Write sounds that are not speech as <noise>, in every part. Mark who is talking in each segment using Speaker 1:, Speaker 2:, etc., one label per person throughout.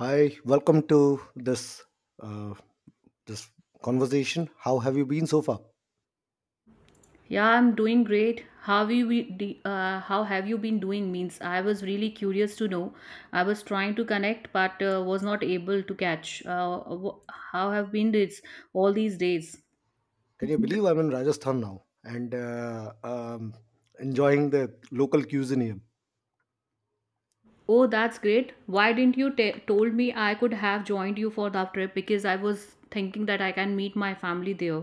Speaker 1: Hi, welcome to this uh, this conversation. How have you been so far?
Speaker 2: Yeah, I'm doing great. How have you been doing? Means I was really curious to know. I was trying to connect, but was not able to catch. How have been this all these days?
Speaker 1: Can you believe I'm in Rajasthan now and enjoying the local cuisine here?
Speaker 2: Oh, that's great. Why didn't you told me I could have joined you for that trip, because I was thinking that I can meet my family there.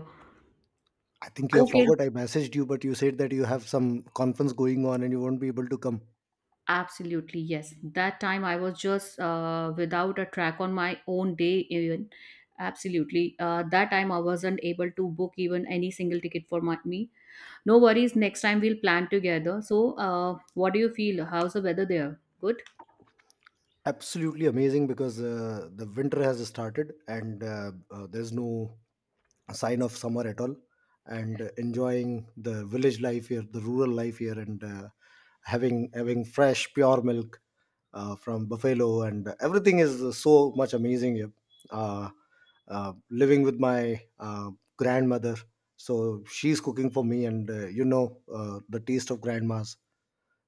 Speaker 1: I think you have
Speaker 2: Okay,
Speaker 1: forgot. I messaged you, but you said that you have some conference going on and you won't be able to come.
Speaker 2: absolutely, yes. That time I was just without a track on my own day, even. Absolutely. That time I wasn't able to book even any single ticket for me. No worries, next time we'll plan together. So, what do you feel? How's the weather there? Good?
Speaker 1: Absolutely amazing because the winter has started and there's no sign of summer at all and enjoying the village life here, the rural life here, and having fresh pure milk from Buffalo, and everything is so much amazing. Yep. Uh, Living with my grandmother, so she's cooking for me, and the taste of grandma's.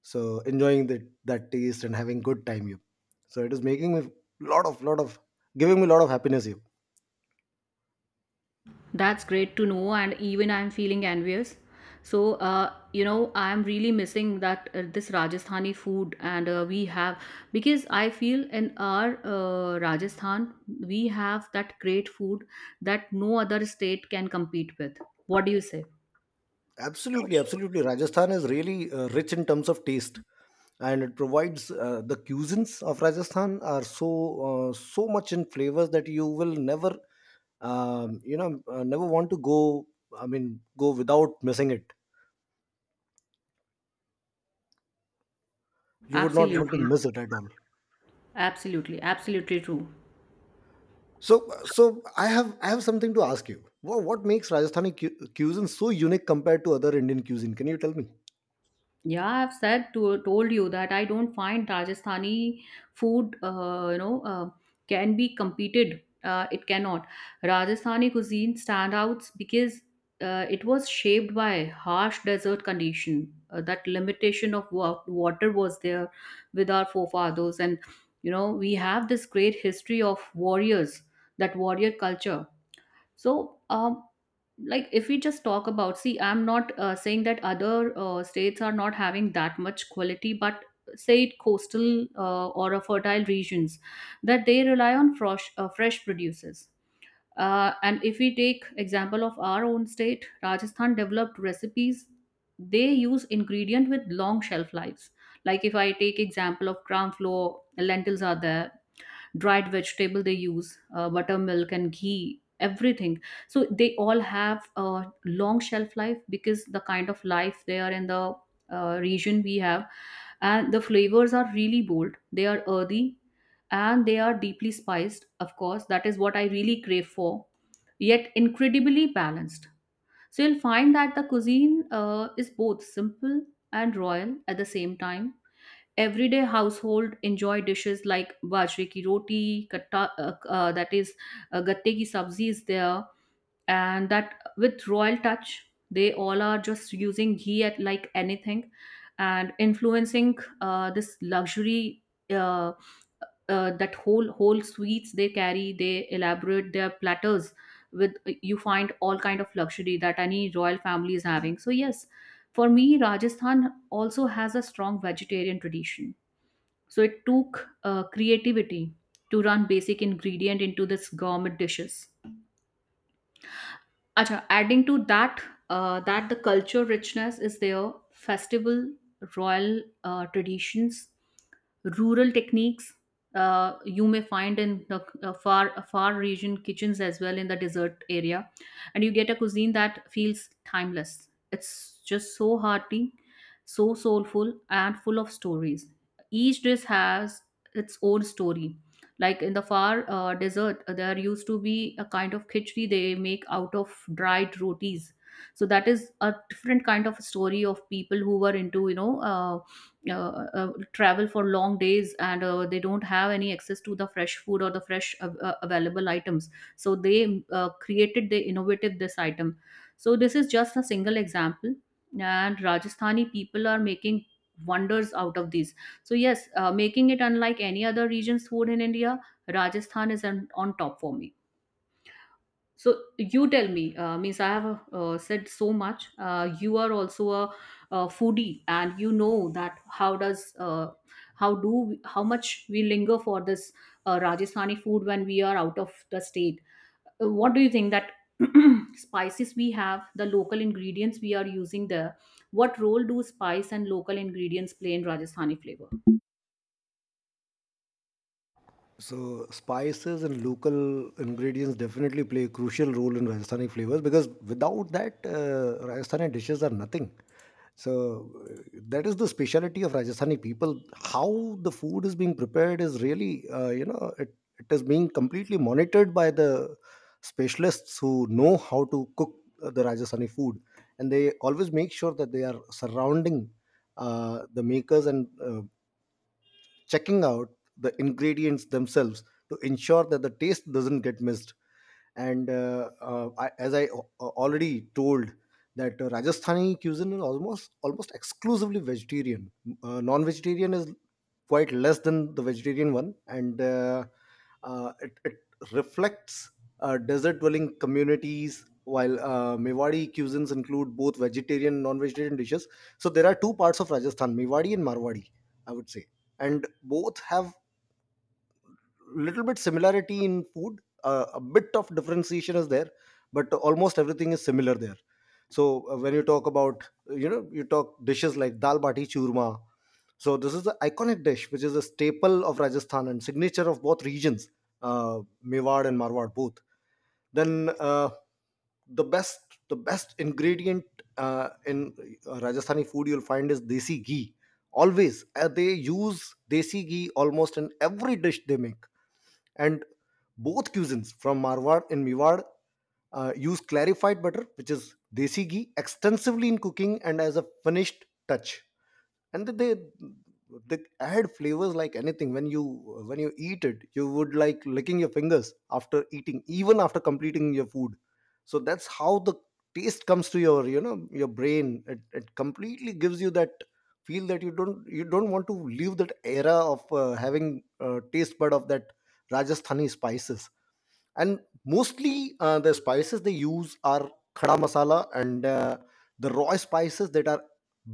Speaker 1: So enjoying that taste and having good time. Yep. So it is making me lot of giving me a lot of happiness. Yep.
Speaker 2: That's great to know, and even I'm feeling envious. So, I'm really missing that this Rajasthani food, and we have because I feel in our Rajasthan we have that great food that no other state can compete with. What do you say?
Speaker 1: Absolutely, absolutely. Rajasthan is really rich in terms of taste, and it provides the cuisines of Rajasthan are so so much in flavors that you will never never want to go I mean go without missing it. You would not want to
Speaker 2: Absolutely,
Speaker 1: miss it at all.
Speaker 2: absolutely, absolutely true.
Speaker 1: So I have something to ask you. What makes Rajasthani cuisine so unique compared to other Indian cuisine? Can you tell me?
Speaker 2: Yeah, I've said to told you that I don't find Rajasthani food, can be competed. It cannot. Rajasthani cuisine standouts because it was shaped by harsh desert condition. That limitation of water was there with our forefathers, and you know we have this great history of warriors, that warrior culture. So. Like if we just talk about, see, I'm not saying that other states are not having that much quality, but say it coastal or a fertile regions that they rely on fresh produces, and if we take example of our own state Rajasthan developed recipes. They use ingredient with long shelf lives, like if I take example of gram flour, lentils are there, dried vegetable. They use buttermilk and ghee, everything. So they all have a long shelf life, because the kind of life they are in, the region we have, and the flavors are really bold. They are earthy, and they are deeply spiced, of course. That is what I really crave for, yet incredibly balanced. So you'll find that the cuisine is both simple and royal at the same time. Everyday household enjoy dishes like bajre ki roti, katta, that is gatte ki sabzi is there, and that with royal touch, they all are just using ghee at like anything, and influencing this luxury. uh, that whole sweets they carry, they elaborate their platters with, you find all kind of luxury that any royal family is having. So yes, for me, Rajasthan also has a strong vegetarian tradition. So it took creativity to run basic ingredient into this gourmet dishes. Acha, adding to that, that the culture richness is there, festival, royal traditions, rural techniques. You may find in the far far region kitchens as well, in the desert area, and you get a cuisine that feels timeless. It's just so hearty, so soulful, and full of stories. Each dish has its own story, like in the far desert there used to be a kind of khichdi they make out of dried rotis. So that is a different kind of story of people who were into, travel for long days, and they don't have any access to the fresh food or the fresh available items. So they innovated this item. So this is just a single example, and Rajasthani people are making wonders out of these. So yes, making it unlike any other region's food in India, Rajasthan is on top for me. So you tell me, means I have said so much. You are also a foodie, and you know that how does how do how much we linger for this Rajasthani food when we are out of the state. What do you think that <clears throat> spices we have, the local ingredients we are using there, what role do spice and local ingredients play in Rajasthani flavor?
Speaker 1: So spices and local ingredients definitely play a crucial role in Rajasthani flavors, because without that, Rajasthani dishes are nothing. So that is the speciality of Rajasthani people. How the food is being prepared is really, it is being completely monitored by the specialists who know how to cook the Rajasthani food, and they always make sure that they are surrounding the makers, and checking out the ingredients themselves to ensure that the taste doesn't get missed. And I, as I already told, that Rajasthani cuisine is almost exclusively vegetarian. Non-vegetarian is quite less than the vegetarian one, and it reflects desert-dwelling communities. While Mewadi cuisines include both vegetarian and non-vegetarian dishes, so there are two parts of Rajasthan, Mewadi and Marwadi, I would say, and both have little bit similarity in food. A bit of differentiation is there, but almost everything is similar there. So when you talk about you talk dishes like dal bati churma, so this is the iconic dish which is a staple of Rajasthan and signature of both regions, uh, Mewad and Marwad both. Then the best the best ingredient in Rajasthani food you'll find is desi ghee. Always they use desi ghee almost in every dish they make. And both cuisines from Marwar and Miwar use clarified butter, which is desi ghee, extensively in cooking and as a finished touch. And they add flavors like anything. When you, when you eat it, you would like licking your fingers after eating, even after completing your food. So that's how the taste comes to your, you know, your brain. It completely gives you that feel that you don't want to leave that era of having a taste bud of that Rajasthani spices. And mostly the spices they use are khada masala, and the raw spices that are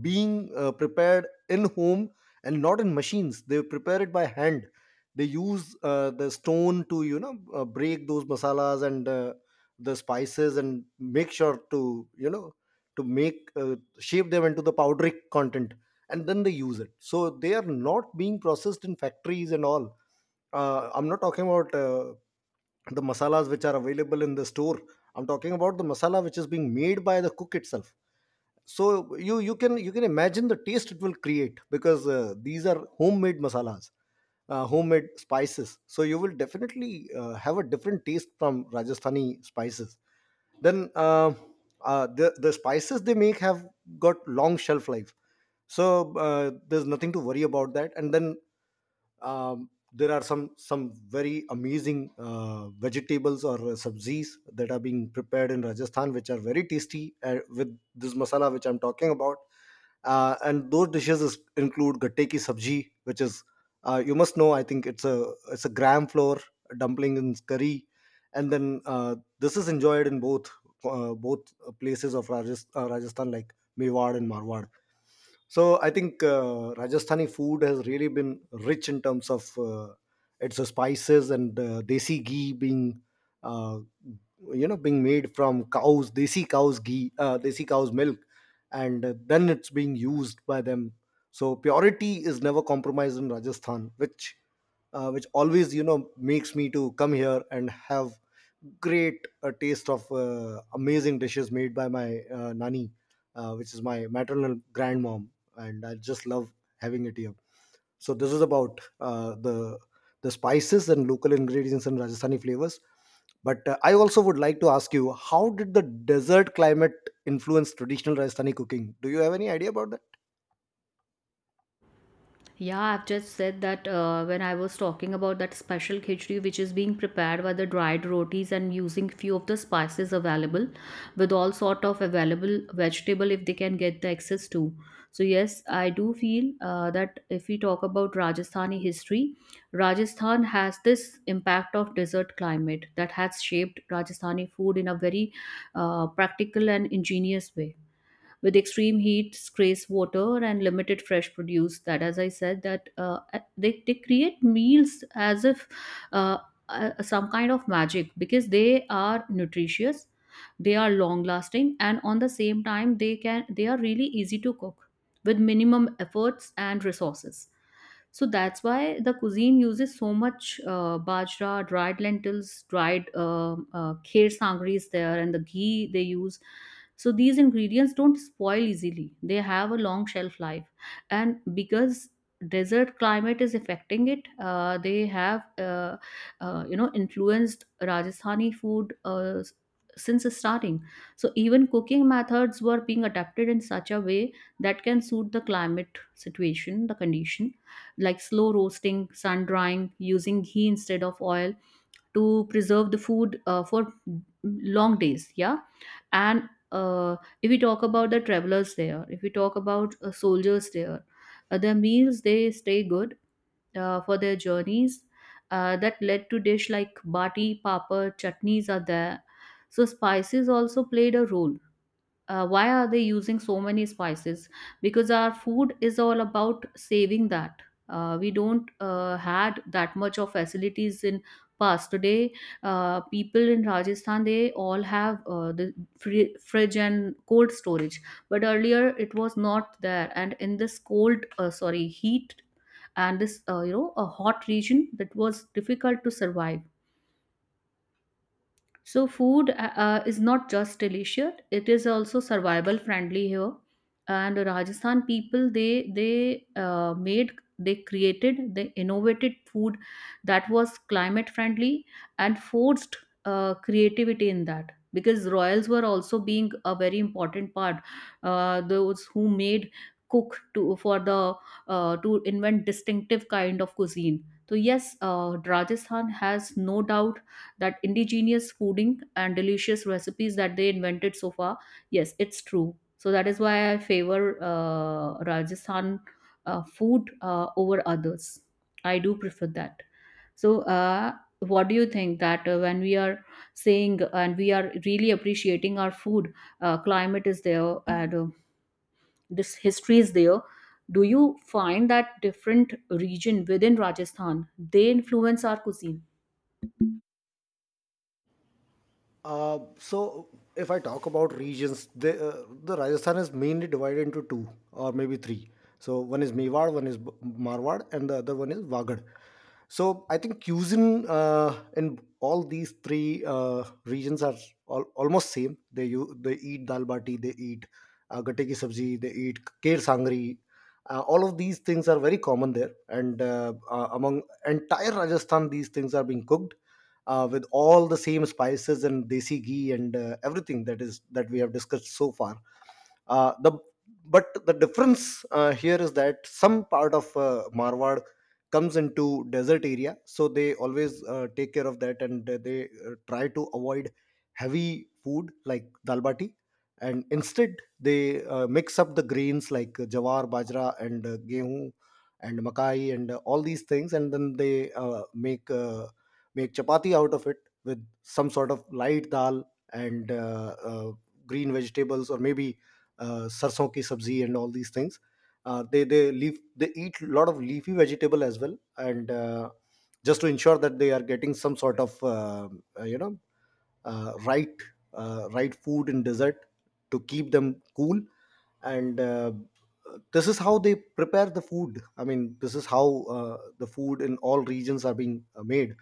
Speaker 1: being prepared in home and not in machines. They prepare it by hand. They use the stone to, you know, break those masalas and the spices, and make sure to, you know, to make shape them into the powdery content, and then they use it. So they are not being processed in factories and all. Uh, I'm not talking about the masalas which are available in the store. I'm talking about the masala which is being made by the cook itself. So you can imagine the taste it will create, because these are homemade masalas, homemade spices. So you will definitely have a different taste from Rajasthani spices. Then the spices they make have got long shelf life. So there's nothing to worry about that. And then there are some very amazing vegetables, or sabzis that are being prepared in Rajasthan, which are very tasty with this masala which I'm talking about. And those include gatte ki sabji, which is you must know. I think it's a gram flour dumpling in curry. And then this is enjoyed in both places of Rajasthan, like Mewar and Marwar. So I think Rajasthani food has really been rich in terms of its spices and desi ghee being, uh, you know, being made from cows, desi cows ghee, desi cows milk, and then it's being used by them. So purity is never compromised in Rajasthan, which always, you know, makes me to come here and have great taste of amazing dishes made by my nani, which is my maternal grandmom, and I just love having it here. So this is about the spices and local ingredients and Rajasthani flavors. But I also would like to ask you, how did the desert climate influence traditional Rajasthani cooking? Do you have any idea about that?
Speaker 2: Yeah, I've just said that when I was talking about that special khichdi, which is being prepared by the dried rotis and using few of the spices available, with all sort of available vegetable if they can get the access to. So yes, I do feel that if we talk about Rajasthani history, Rajasthan has this impact of desert climate that has shaped Rajasthani food in a very practical and ingenious way, with extreme heat, scarce water, and limited fresh produce. That, as I said, that they create meals as if uh, some kind of magic, because they are nutritious, they are long lasting, and on the same time they are really easy to cook with minimum efforts and resources. So that's why the cuisine uses so much bajra, dried lentils, dried kher sangri is there, and the ghee they use. So these ingredients don't spoil easily. They have a long shelf life, and because desert climate is affecting it, they have influenced Rajasthani food since the starting. So even cooking methods were being adapted in such a way that can suit the climate situation, the condition, like slow roasting, sun drying, using ghee instead of oil to preserve the food for long days, yeah. And uh, if we talk about the travelers there, if we talk about soldiers there, their meals, they stay good for their journeys, that led to dish like bati, papad, chutneys are there. So spices also played a role. Why are they using so many spices? Because our food is all about saving that. We don't had that much of facilities in past today. People in Rajasthan, they all have the fridge and cold storage, but earlier it was not there. And in this cold sorry heat, and this, a hot region, that was difficult to survive. So food is not just delicious; it is also survival friendly here. And Rajasthan people, they they innovated food that was climate friendly, and forced creativity in that. Because royals were also being a very important part. Those who made cook to for the to invent distinctive kind of cuisine. So yes, Rajasthan has no doubt that indigenous fooding and delicious recipes that they invented so far, yes, it's true. So that is why I favor Rajasthan food over others. I do prefer that. So what do you think that when we are saying and we are really appreciating our food, climate is there, and this history is there. Do you find that different region within Rajasthan, they influence our cuisine?
Speaker 1: So if I talk about regions, the Rajasthan is mainly divided into two or maybe three. So one is Mewar, one is Marwar, and the other one is Wagad. So I think cuisine in all these three regions are almost same. They, you, they eat dal bati, they eat gatte ki sabzi, they eat kher sangri. All of these things are very common there, and among entire Rajasthan, these things are being cooked with all the same spices and desi ghee and everything that is that we have discussed so far. The But the difference here is that some part of Marwad comes into desert area, so they always take care of that, and try to avoid heavy food like dal bati, and instead they mix up the grains like jawar, bajra, and gehu and makai and all these things, and then they make chapati out of it with some sort of light dal, and green vegetables, or maybe sarson ki sabzi and all these things. They eat a lot of leafy vegetable as well, and just to ensure that they are getting some sort of uh, you know right right food in desert to keep them cool. And this is how they prepare the food. I mean, this is how the food in all regions are being made.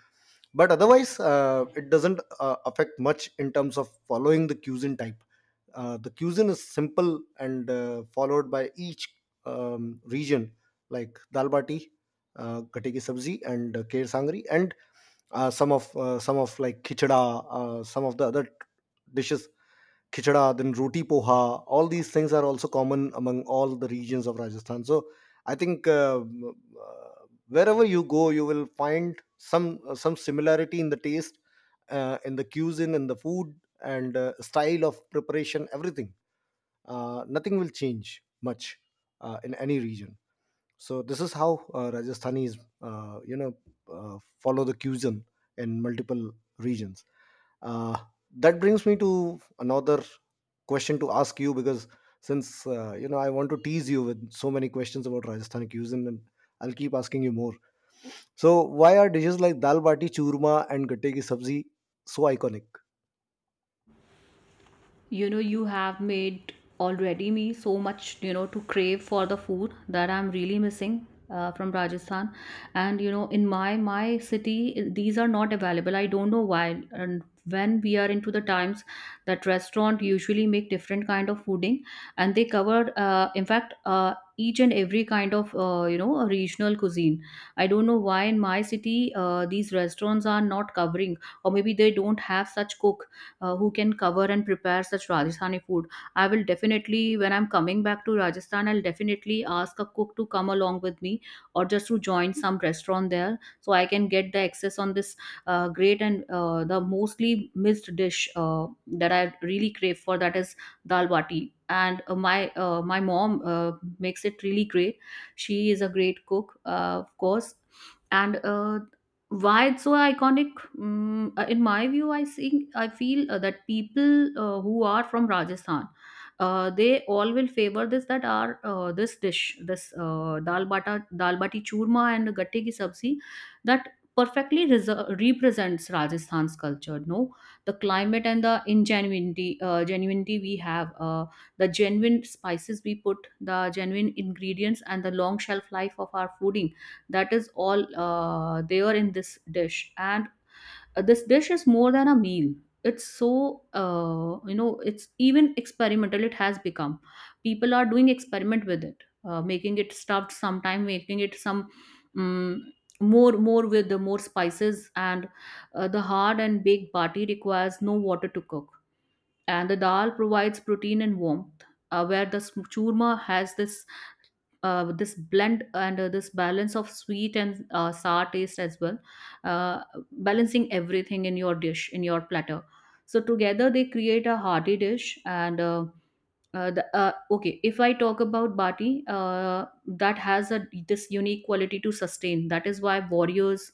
Speaker 1: But otherwise it doesn't affect much in terms of following the cuisine type. The cuisine is simple and followed by each region, like dal bati, gatte ki sabzi, and kher sangri, and some of, like, khichda, some of the other dishes, khichda, then roti poha. All these things are also common among all the regions of Rajasthan. So I think wherever you go, you will find some similarity in the taste, in the cuisine, in the food, and style of preparation. Everything. Nothing will change much in any region. So this is how Rajasthanis, follow the cuisine in multiple regions. Uh, that brings me to another question to ask you, because since you know, I want to tease you with so many questions about Rajasthani cuisine, and I'll keep asking you more. So, why are dishes like dal bati, churma, and gatte ki sabzi so iconic?
Speaker 2: You know you have made already me so much to crave for the food that I'm really missing from Rajasthan. And in my city, these are not available. I don't know why. And when we are into the times that restaurant usually make different kind of fooding, and they cover, in fact, each and every kind of, regional cuisine. I don't know why in my city these restaurants are not covering, or maybe they don't have such cook who can cover and prepare such Rajasthani food. I will definitely, when I'm coming back to Rajasthan, I'll definitely ask a cook to come along with me, or just to join some restaurant there so I can get the access on this great. And the mostly missed dish that I really crave for, that is dal bati. And my mom makes it really great. She is a great cook, of course, and why it's so iconic. In my view, I feel that people who are from Rajasthan, they all will favor this that are this dish, this dal bata, dal bati churma and gatte ki sabzi, that perfectly represents Rajasthan's culture. No, the climate and the ingenuity, genuinity we have, the genuine spices we put, the genuine ingredients, and the long shelf life of our fooding, that is all there in this dish. And this dish is more than a meal. It's so, it's even experimental it has become. People are doing experiment with it, making it stuffed sometime, making it some um, more with the more spices, and the hard and baked bati requires no water to cook, and the dal provides protein and warmth, where the churma has this blend, and this balance of sweet and sour taste as well, uh, balancing everything in your dish, in your platter. So together they create a hearty dish. And okay, if I talk about bati, that has a this unique quality to sustain. That is why warriors,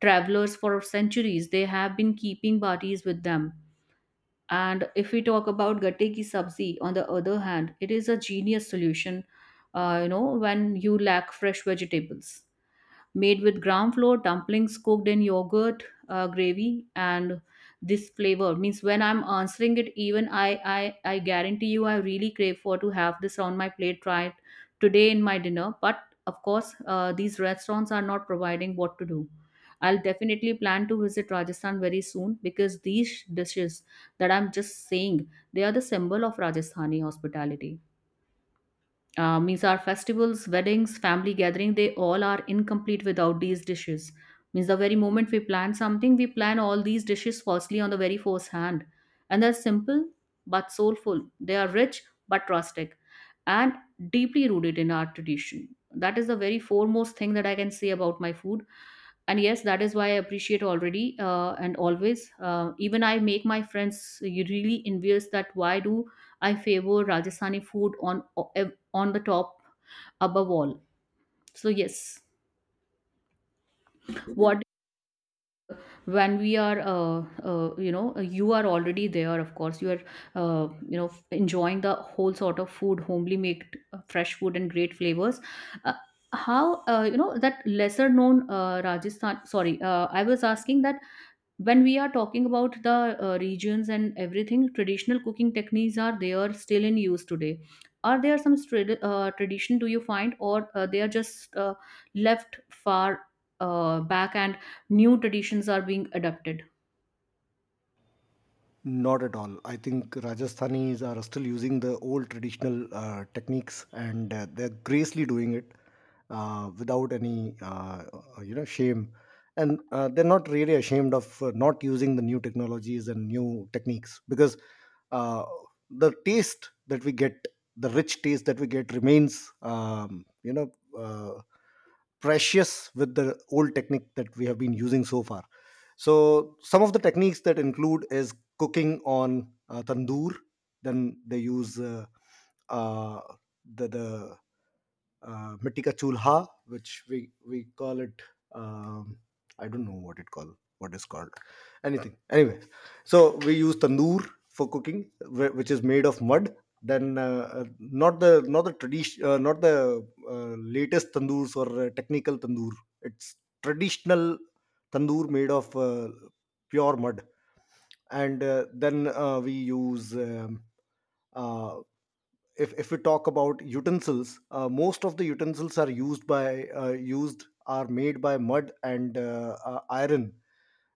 Speaker 2: travelers for centuries they have been keeping batis with them. And if we talk about gatte ki sabzi, on the other hand, it is a genius solution, when you lack fresh vegetables, made with ground flour, dumplings cooked in yogurt, gravy, and this flavor. Means when I'm answering it, even I guarantee you, I really crave for to have this on my plate right today in my dinner. But of course, these restaurants are not providing. What to do? I'll definitely plan to visit Rajasthan very soon, because these dishes that I'm just saying, they are the symbol of Rajasthani hospitality. Means our festivals, weddings, family gathering, they all are incomplete without these dishes. Means the very moment we plan something, we plan all these dishes falsely on the very first hand. And they're simple but soulful. They are rich but rustic, and deeply rooted in our tradition. That is the very foremost thing that I can say about my food. And yes, that is why I appreciate already, and always, even I make my friends, you, really envious that why do I favor Rajasthani food on the top, above all. So yes, what, when we are, uh, you know you are already there, of course you are, uh, you know enjoying the whole sort of food, homely made, fresh food and great flavors, uh, how, that lesser known, Rajasthan, sorry, I was asking that when we are talking about the regions and everything, traditional cooking techniques, are there still in use today? Are there some tradition do you find, or they are just, left far back, and new traditions are being adopted?
Speaker 1: Not at all. I think Rajasthanis are still using the old traditional techniques, and they're gracefully doing it without any, you know, shame. And they're not really ashamed of not using the new technologies and new techniques, because uh, the taste that we get, the rich taste that we get, remains, you know, uh, precious with the old technique that we have been using so far. So some of the techniques that include is cooking on tandoor. Then they use uh, the mitti ka chulha, which we call it, um, I don't know what it called, what is called, anything, anyway. So we use tandoor for cooking, which is made of mud. Then not the latest tandoors, or technical tandoor. It's traditional tandoor made of pure mud. And then we use uh, if we talk about utensils, most of the utensils are used by used are made by mud and iron,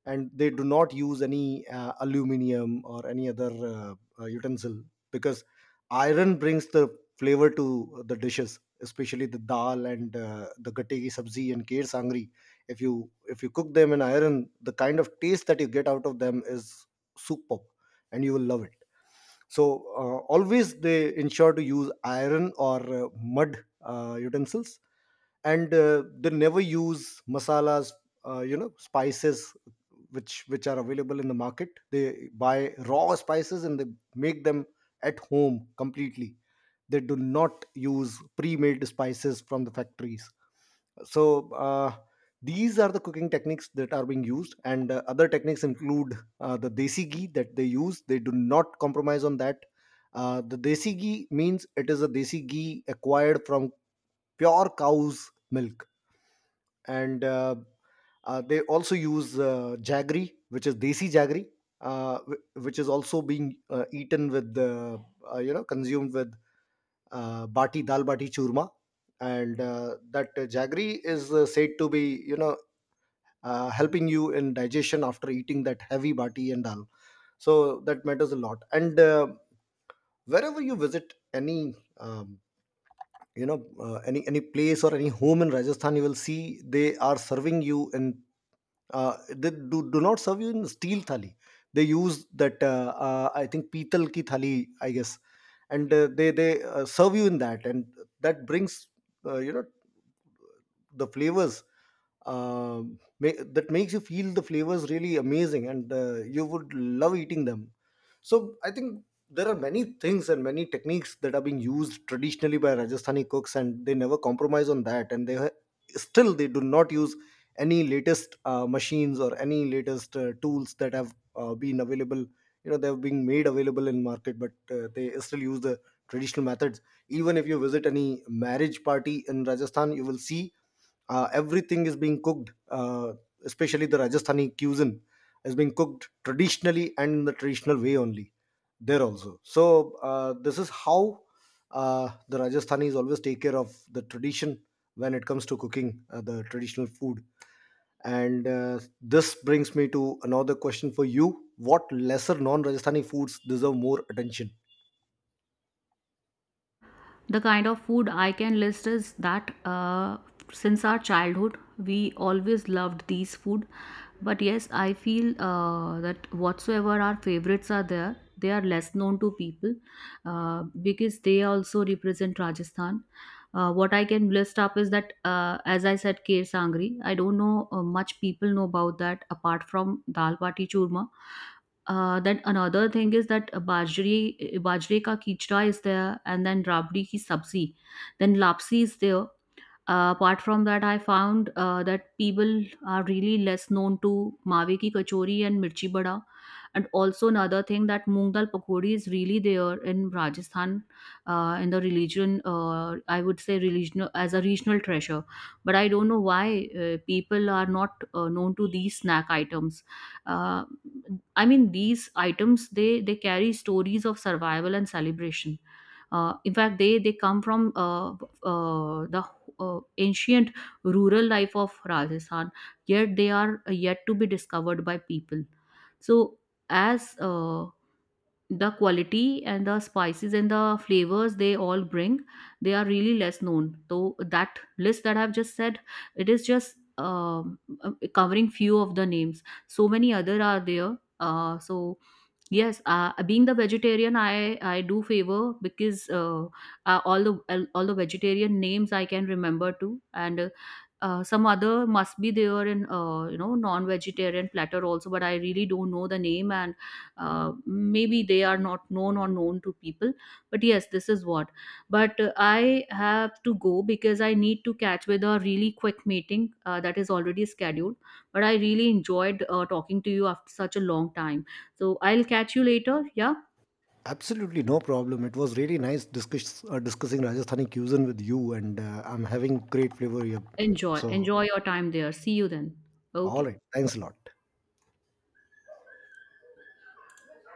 Speaker 1: and they do not use any aluminium or any other utensil, because iron brings the flavor to the dishes, especially the dal and the gatte ki sabzi and kher sangri. If you, if you cook them in iron, the kind of taste that you get out of them is superb, and you will love it. So always they ensure to use iron or mud utensils. And they never use masalas, you know, spices which are available in the market. They buy raw spices and they make them at home completely. They do not use pre-made spices from the factories. So these are the cooking techniques that are being used. And other techniques include the desi ghee that they use. They do not compromise on that. Uh, the desi ghee means it is a desi ghee acquired from pure cow's milk. And they also use jaggery, which is desi jaggery, which is also being eaten with the, you know, consumed with bati dal bati churma. And that jaggery is said to be, you know, helping you in digestion after eating that heavy bati and dal. So that matters a lot. And wherever you visit any um, any place or any home in Rajasthan, you will see they are serving you in, they do, do not serve you in steel thali. They use that I think pital ki thali, I guess. And they serve you in that, and that brings you know, the flavors, that makes you feel the flavors really amazing, and you would love eating them. So I think there are many things and many techniques that are being used traditionally by Rajasthani cooks, and they never compromise on that, and they still they do not use any latest machines or any latest tools that have been available. You know, they have been made available in market, but they still use the traditional methods. Even if you visit any marriage party in Rajasthan, you will see everything is being cooked, uh, especially the Rajasthani cuisine, is being cooked traditionally and in the traditional way only there also. So this is how the Rajasthanis always take care of the tradition when it comes to cooking the traditional food. And this brings me to another question for you. What lesser non-Rajasthani foods deserve more attention?
Speaker 2: The kind of food I can list is that, since our childhood, we always loved these food. But yes, I feel that whatsoever our favorites are there, they are less known to people, because they also represent Rajasthan. What I can list up is that, as I said, Kher Sangri. I don't know, much people know about that apart from Dal Bati Churma. Then another thing is that bajri, bajre ka kichda is there, and then rabdi ki sabzi, then lapsi is there. Apart from that, I found that people are really less known to Mawe ki kachori and mirchi bada. And also another thing, that moong dal pakodi is really there in Rajasthan, in the religion. Uh, I would say religion as a regional treasure. But I don't know why people are not known to these snack items. Uh, I mean, these items, they carry stories of survival and celebration. In fact, they come from, the ancient rural life of Rajasthan, yet they are yet to be discovered by people. So, as the quality and the spices and the flavors they all bring, they are really less known. So that list that I've just said, it is just covering few of the names. So many other are there, so yes, being the vegetarian, I do favor because, all the, all the vegetarian names I can remember too. And some other must be there in, non-vegetarian platter also, but I really don't know the name. And maybe they are not known or known to people. But yes, this is what. But I have to go because I need to catch with a really quick meeting that is already scheduled. But I really enjoyed talking to you after such a long time. So I'll catch you later, yeah.
Speaker 1: Absolutely no problem. It was really nice discussing Rajasthani cuisine with you, and I'm having great flavor here.
Speaker 2: enjoy
Speaker 1: So,
Speaker 2: enjoy your time there. See you then.
Speaker 1: all
Speaker 2: Okay.
Speaker 1: right. Thanks a lot.